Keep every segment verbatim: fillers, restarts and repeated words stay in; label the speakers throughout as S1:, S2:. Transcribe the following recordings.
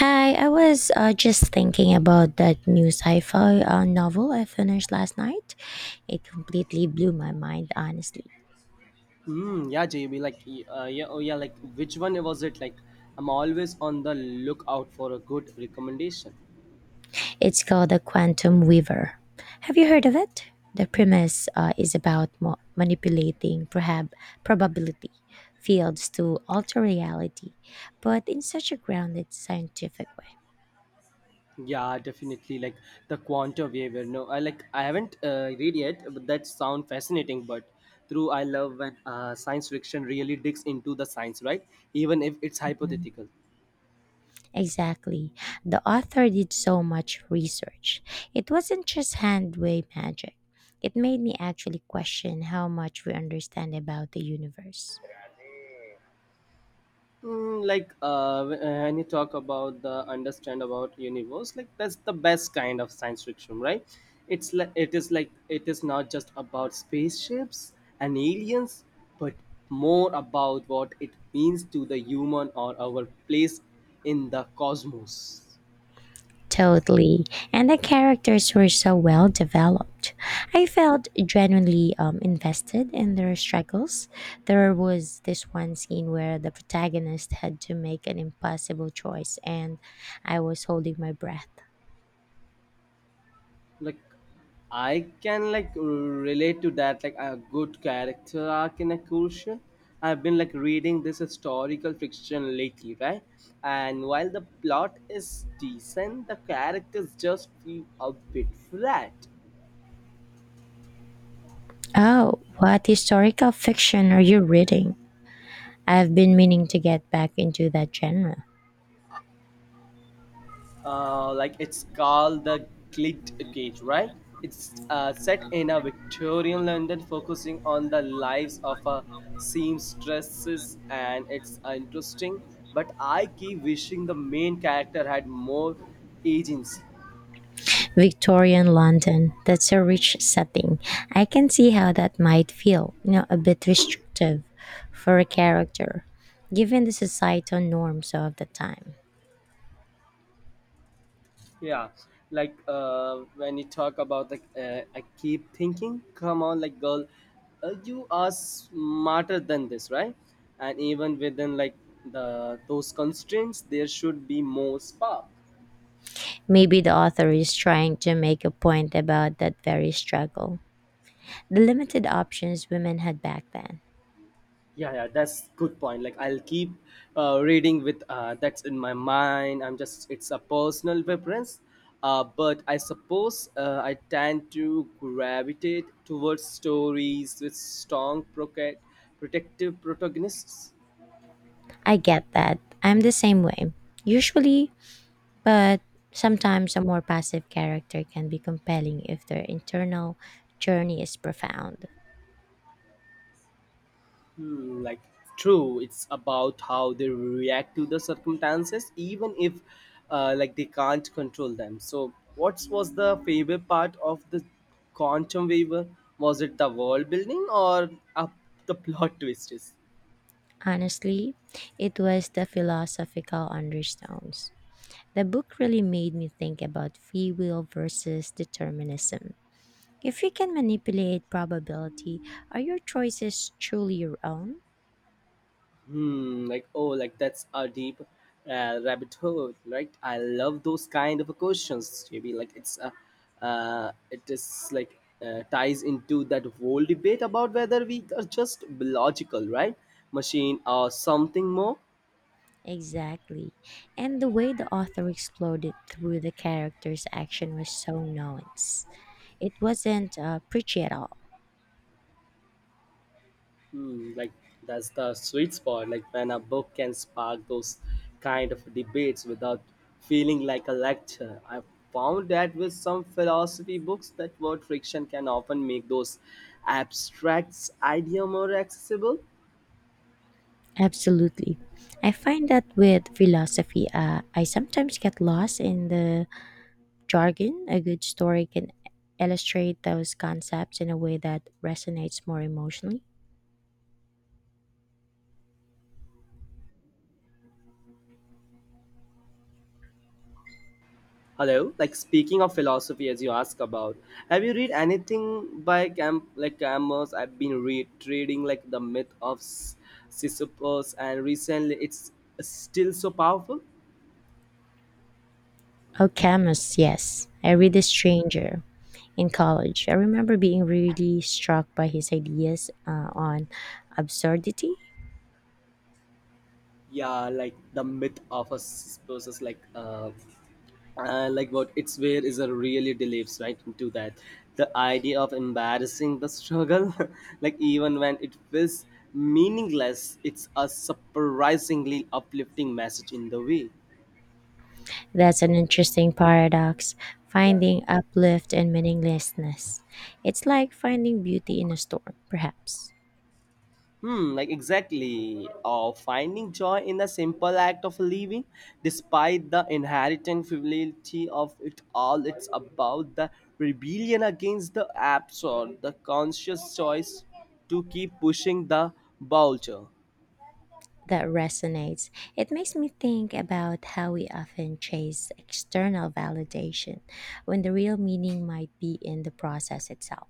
S1: Hi, I was uh, just thinking about that new sci fi uh, novel I finished last night. It completely blew my mind, honestly.
S2: Hmm. Yeah, J B. Like, y- uh, yeah, oh yeah. Like, which one was it? Like, I'm always on the lookout for a good recommendation.
S1: It's called The Quantum Weaver. Have you heard of it? The premise uh, is about mo- manipulating perhaps probability fields to alter reality, but in such a grounded scientific way.
S2: Yeah, definitely. Like the Quantum Waiver. No, I like I haven't uh, read yet, but that sound fascinating. But through I love when uh, science fiction really digs into the science, right? Even if it's hypothetical.
S1: Exactly. The author did so much research. It wasn't just hand wave magic. It made me actually question how much we understand about the universe.
S2: Mm, like uh, uh, when you talk about the understand about universe, like that's the best kind of science fiction, right? It's like it is like it is not just about spaceships and aliens, but more about what it means to the human or our place in the cosmos.
S1: Totally. And the characters were so well developed. I felt genuinely um, invested in their struggles. There was this one scene where the protagonist had to make an impossible choice, and I was holding my breath.
S2: Like I can like relate to that, like a good character arc in a crucial. I've been like reading this historical fiction lately, right? And while the plot is decent, the characters just feel a bit flat.
S1: Oh, what historical fiction are you reading? I've been meaning to get back into that genre.
S2: Uh, like, it's called the Glit Cage, right? It's uh, set in a Victorian London, focusing on the lives of a seamstresses, and it's interesting. But I keep wishing the main character had more agency.
S1: Victorian London, that's a rich setting. I can see how that might feel, you know, a bit restrictive for a character, given the societal norms of the time.
S2: Yeah, like uh, when you talk about, like, uh, I keep thinking, come on, like girl, uh, you are smarter than this, right? And even within like the those constraints, there should be more spark.
S1: Maybe the author is trying to make a point about that very struggle, the limited options women had back then.
S2: Yeah, yeah, that's good point. Like, I'll keep uh, reading with uh, that's in my mind. I'm just it's a personal preference. Uh, but I suppose uh, I tend to gravitate towards stories with strong proca- protective protagonists.
S1: I get that. I'm the same way. Usually, but sometimes a more passive character can be compelling if their internal journey is profound.
S2: Hmm, like, true, it's about how they react to the circumstances even if, uh, like, they can't control them. So what was the favorite part of the quantum weaver? Was it the world building or uh, the plot twists?
S1: Honestly, it was the philosophical undertones. The book really made me think about free will versus determinism. If you can manipulate probability, are your choices truly your own?
S2: Hmm, like oh, like, that's a deep uh, rabbit hole, right? I love those kind of questions, J B. Like it's uh, uh it is like, uh, ties into that whole debate about whether we are just biological, right, machine or something more.
S1: Exactly. And the way the author explored it through the character's action was so nuanced. It wasn't uh, preachy at all.
S2: Hmm, like, that's the sweet spot. Like when a book can spark those kind of debates without feeling like a lecture. I found that with some philosophy books, that word friction can often make those abstracts idea more accessible.
S1: Absolutely. I find that with philosophy, uh, I sometimes get lost in the jargon. A good story can illustrate those concepts in a way that resonates more emotionally.
S2: Hello, like, speaking of philosophy, as you ask about, have you read anything by Cam like Camus? I've been read reading like the myth of S- Sisyphus, and recently it's still so powerful.
S1: Alchemist, yes. I read The Stranger in college. I remember being really struck by his ideas uh, on absurdity.
S2: Yeah, like the myth of a s- process, like, uh, uh like, what it's where is a really delves right into that, the idea of embarrassing the struggle like even when it feels meaningless. It's a surprisingly uplifting message in the way.
S1: That's an interesting paradox, finding uplift and meaninglessness. It's like finding beauty in a storm, perhaps.
S2: Hmm, like, exactly. Or finding joy in the simple act of living, despite the inherent frivolity of it all. It's about the rebellion against the absurd, the conscious choice to keep pushing the boulder.
S1: That resonates. It makes me think about how we often chase external validation when the real meaning might be in the process itself.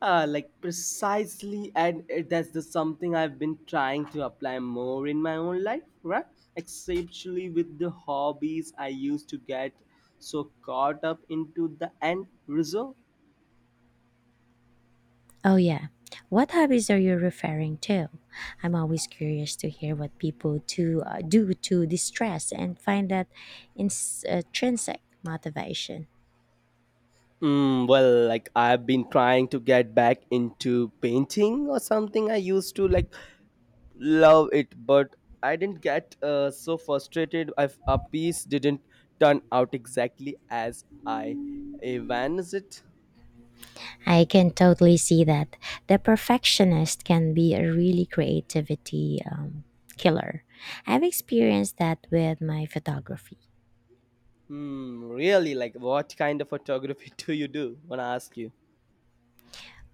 S2: Uh, like, precisely, and it- that's the something I've been trying to apply more in my own life, right? Especially with the hobbies I used to get so caught up into the end result.
S1: Oh, yeah. What hobbies are you referring to? I'm always curious to hear what people to uh, do to distress and find that ins- uh, intrinsic motivation.
S2: Mm, well, like, I've been trying to get back into painting or something. I used to like love it, but I didn't get uh, so frustrated if a piece didn't turn out exactly as I envisioned it.
S1: I can totally see that the perfectionist can be a really creativity um, killer. I've experienced that with my photography.
S2: Hmm, really? Like, what kind of photography do you do? Wanna ask you?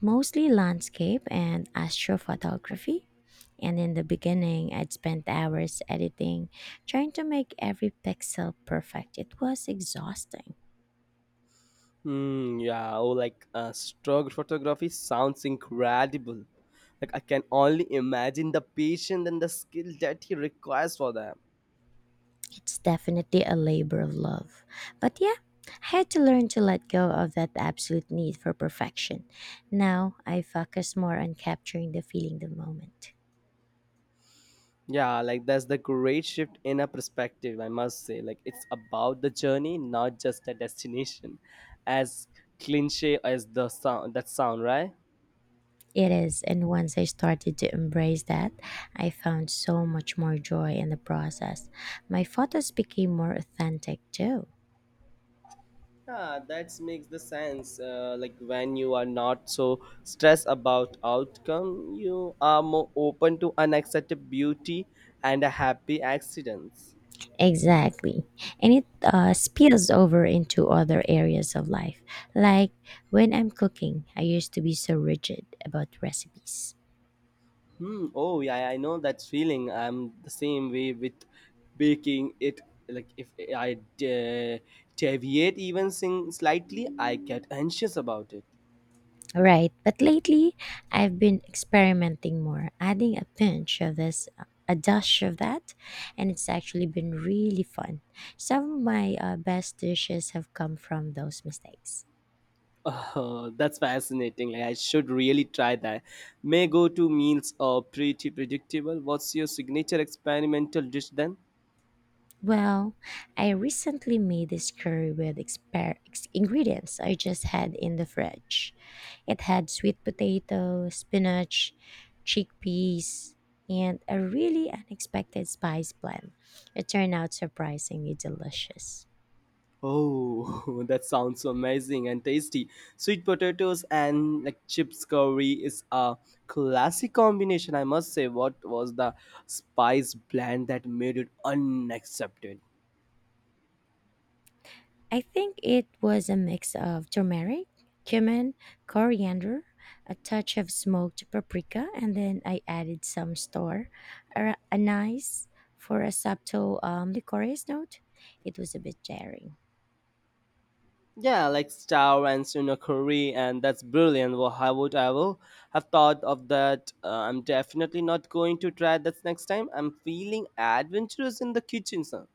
S1: Mostly landscape and astrophotography. And in the beginning, I'd spent hours editing, trying to make every pixel perfect. It was exhausting.
S2: Hmm, yeah. Oh, like uh, stroke photography sounds incredible. Like, I can only imagine the patience and the skill that he requires for that.
S1: It's definitely a labor of love. But yeah, I had to learn to let go of that absolute need for perfection. Now I focus more on capturing the feeling the moment.
S2: Yeah, like, that's the great shift in a perspective, I must say. Like, it's about the journey, not just the destination. As cliche as the sound that sound, right?
S1: It is, and once I started to embrace that, I found so much more joy in the process. My photos became more authentic too.
S2: Yeah, that makes the sense. Uh, like, when you are not so stressed about outcome, you are more open to unaccepted beauty and a happy accidents.
S1: Exactly. And it uh, spills over into other areas of life. Like when I'm cooking, I used to be so rigid about recipes.
S2: Hmm. Oh, yeah, yeah, I know that feeling. I'm the same way with baking it. Like, if I de- deviate even sing slightly, I get anxious about it.
S1: Right, but lately I've been experimenting more, adding a pinch of this, a dash of that, and it's actually been really fun. Some of my uh, best dishes have come from those mistakes.
S2: Oh, that's fascinating. Like, I should really try that. May go to meals are pretty predictable. What's your signature experimental dish then?
S1: Well, I recently made this curry with exper- ex- ingredients I just had in the fridge. It had sweet potato, spinach, chickpeas, and a really unexpected spice blend. It turned out surprisingly delicious.
S2: Oh, that sounds so amazing and tasty. Sweet potatoes and like chips curry is a classic combination, I must say. What was the spice blend that made it unaccepted?
S1: I think it was a mix of turmeric, cumin, coriander, a touch of smoked paprika, and then I added some store ar- anise for a subtle um, licorice note. It was a bit jarring.
S2: Yeah, like, star and tuna curry, and that's brilliant. Well, how would I will have thought of that? Uh, I'm definitely not going to try that next time. I'm feeling adventurous in the kitchen, sir.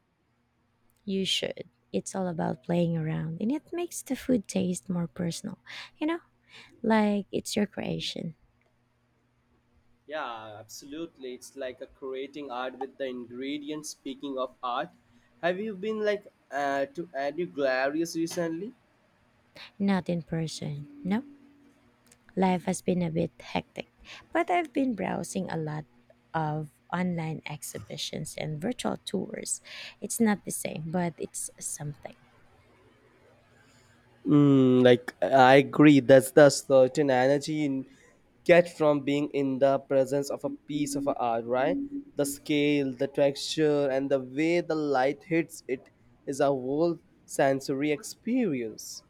S1: You should. It's all about playing around, and it makes the food taste more personal. You know, like it's your creation,
S2: Yeah, absolutely. It's like a creating art with the ingredients. Speaking of art, have you been like uh, to any galleries recently?
S1: not in person. No. Life has been a bit hectic, but I've been browsing a lot of online exhibitions and virtual tours. It's not the same, but it's something.
S2: Mm, like, I agree, that's the certain energy in get from being in the presence of a piece of art, right? The scale, the texture, and the way the light hits it is a whole sensory experience.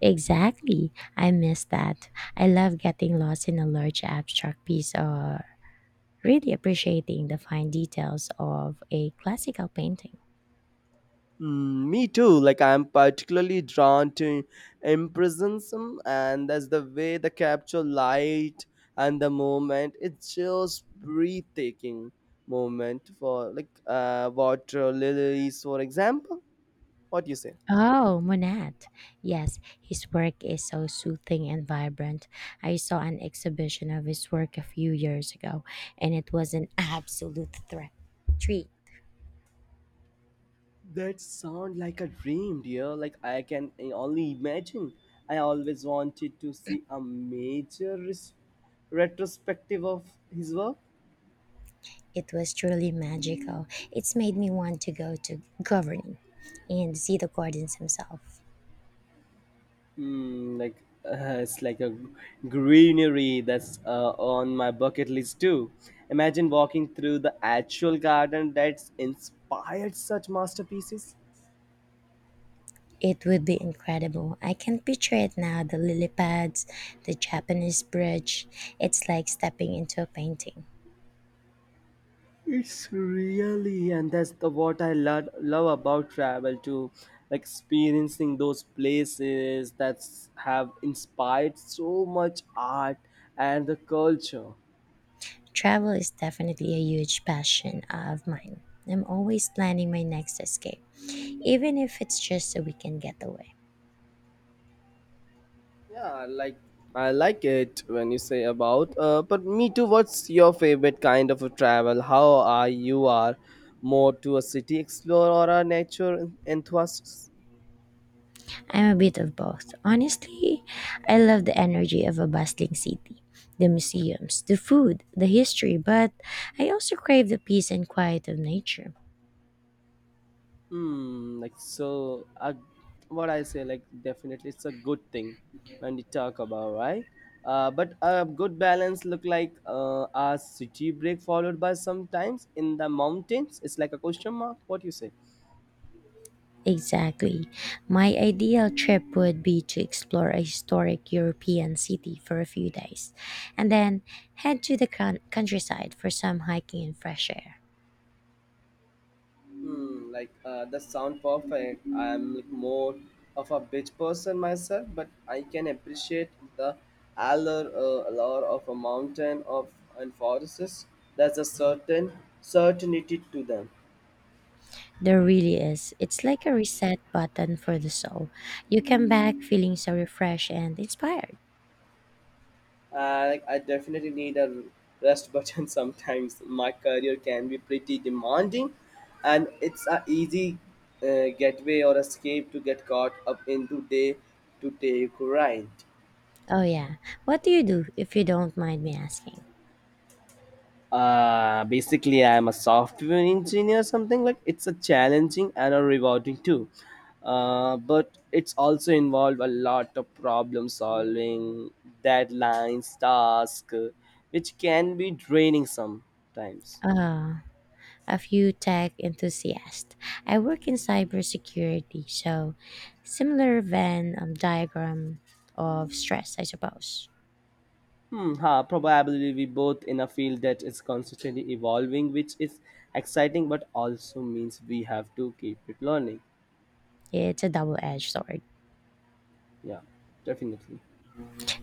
S1: Exactly. I miss that. I love getting lost in a large abstract piece or really appreciating the fine details of a classical painting.
S2: Mm, me too. Like, I'm particularly drawn to impressionism, and that's the way they capture light and the moment. It's just breathtaking moment for like uh, water lilies, for example. What do you say?
S1: Oh, Monet. Yes, his work is so soothing and vibrant. I saw an exhibition of his work a few years ago, and it was an absolute threat. Treat.
S2: That sound like a dream, dear. Like, I can only imagine. I always wanted to see a major res- retrospective of his work.
S1: It was truly magical. It's made me want to go to governing and see the gardens himself.
S2: Mm, like, uh, it's like a greenery that's uh, on my bucket list too. Imagine walking through the actual garden that's inspired such masterpieces.
S1: It would be incredible. I can picture it now the lily pads, the Japanese bridge. It's like stepping into a painting.
S2: It's really, and that's the what I love love about travel too, like experiencing those places that have inspired so much art and the culture.
S1: Travel is definitely a huge passion of mine. I'm always planning my next escape, even if it's just a weekend getaway.
S2: Yeah, like, I like it when you say about. Uh, but me too. What's your favorite kind of a travel? How are you are more to a city explorer or a nature en- enthusiast?
S1: I'm a bit of both. Honestly, I love the energy of a bustling city, the museums, the food, the history, but I also crave the peace and quiet of nature.
S2: Hmm. Like so, uh, what I say, like, definitely it's a good thing when we talk about, right. Uh, but a good balance look like uh, a city break followed by sometimes in the mountains. It's like a question mark. What you say?
S1: Exactly. My ideal trip would be to explore a historic European city for a few days and then head to the coun countryside for some hiking and fresh air.
S2: Hmm, like uh, the sound perfect. I'm like more of a beach person myself, but I can appreciate the allure, uh, allure of a mountain of and forests. There's a certain certainty to them.
S1: There really is. It's like a reset button for the soul. You come back feeling so refreshed and inspired.
S2: Uh, like, I definitely need a rest button sometimes. My career can be pretty demanding, and it's a easy uh, getaway or escape to get caught up into day to day grind.
S1: Oh, yeah. What do you do, if you don't mind me asking?
S2: Uh, basically, I'm a software engineer, something like it's a challenging and a rewarding too. Uh, but it's also involved a lot of problem solving, deadlines, tasks, which can be draining sometimes.
S1: Uh, a few tech enthusiasts. I work in cybersecurity, so similar Venn um, diagram of stress, I suppose.
S2: Hmm, huh, probably we both in a field that is constantly evolving, which is exciting, but also means we have to keep it learning.
S1: It's a double edged sword.
S2: Yeah, definitely.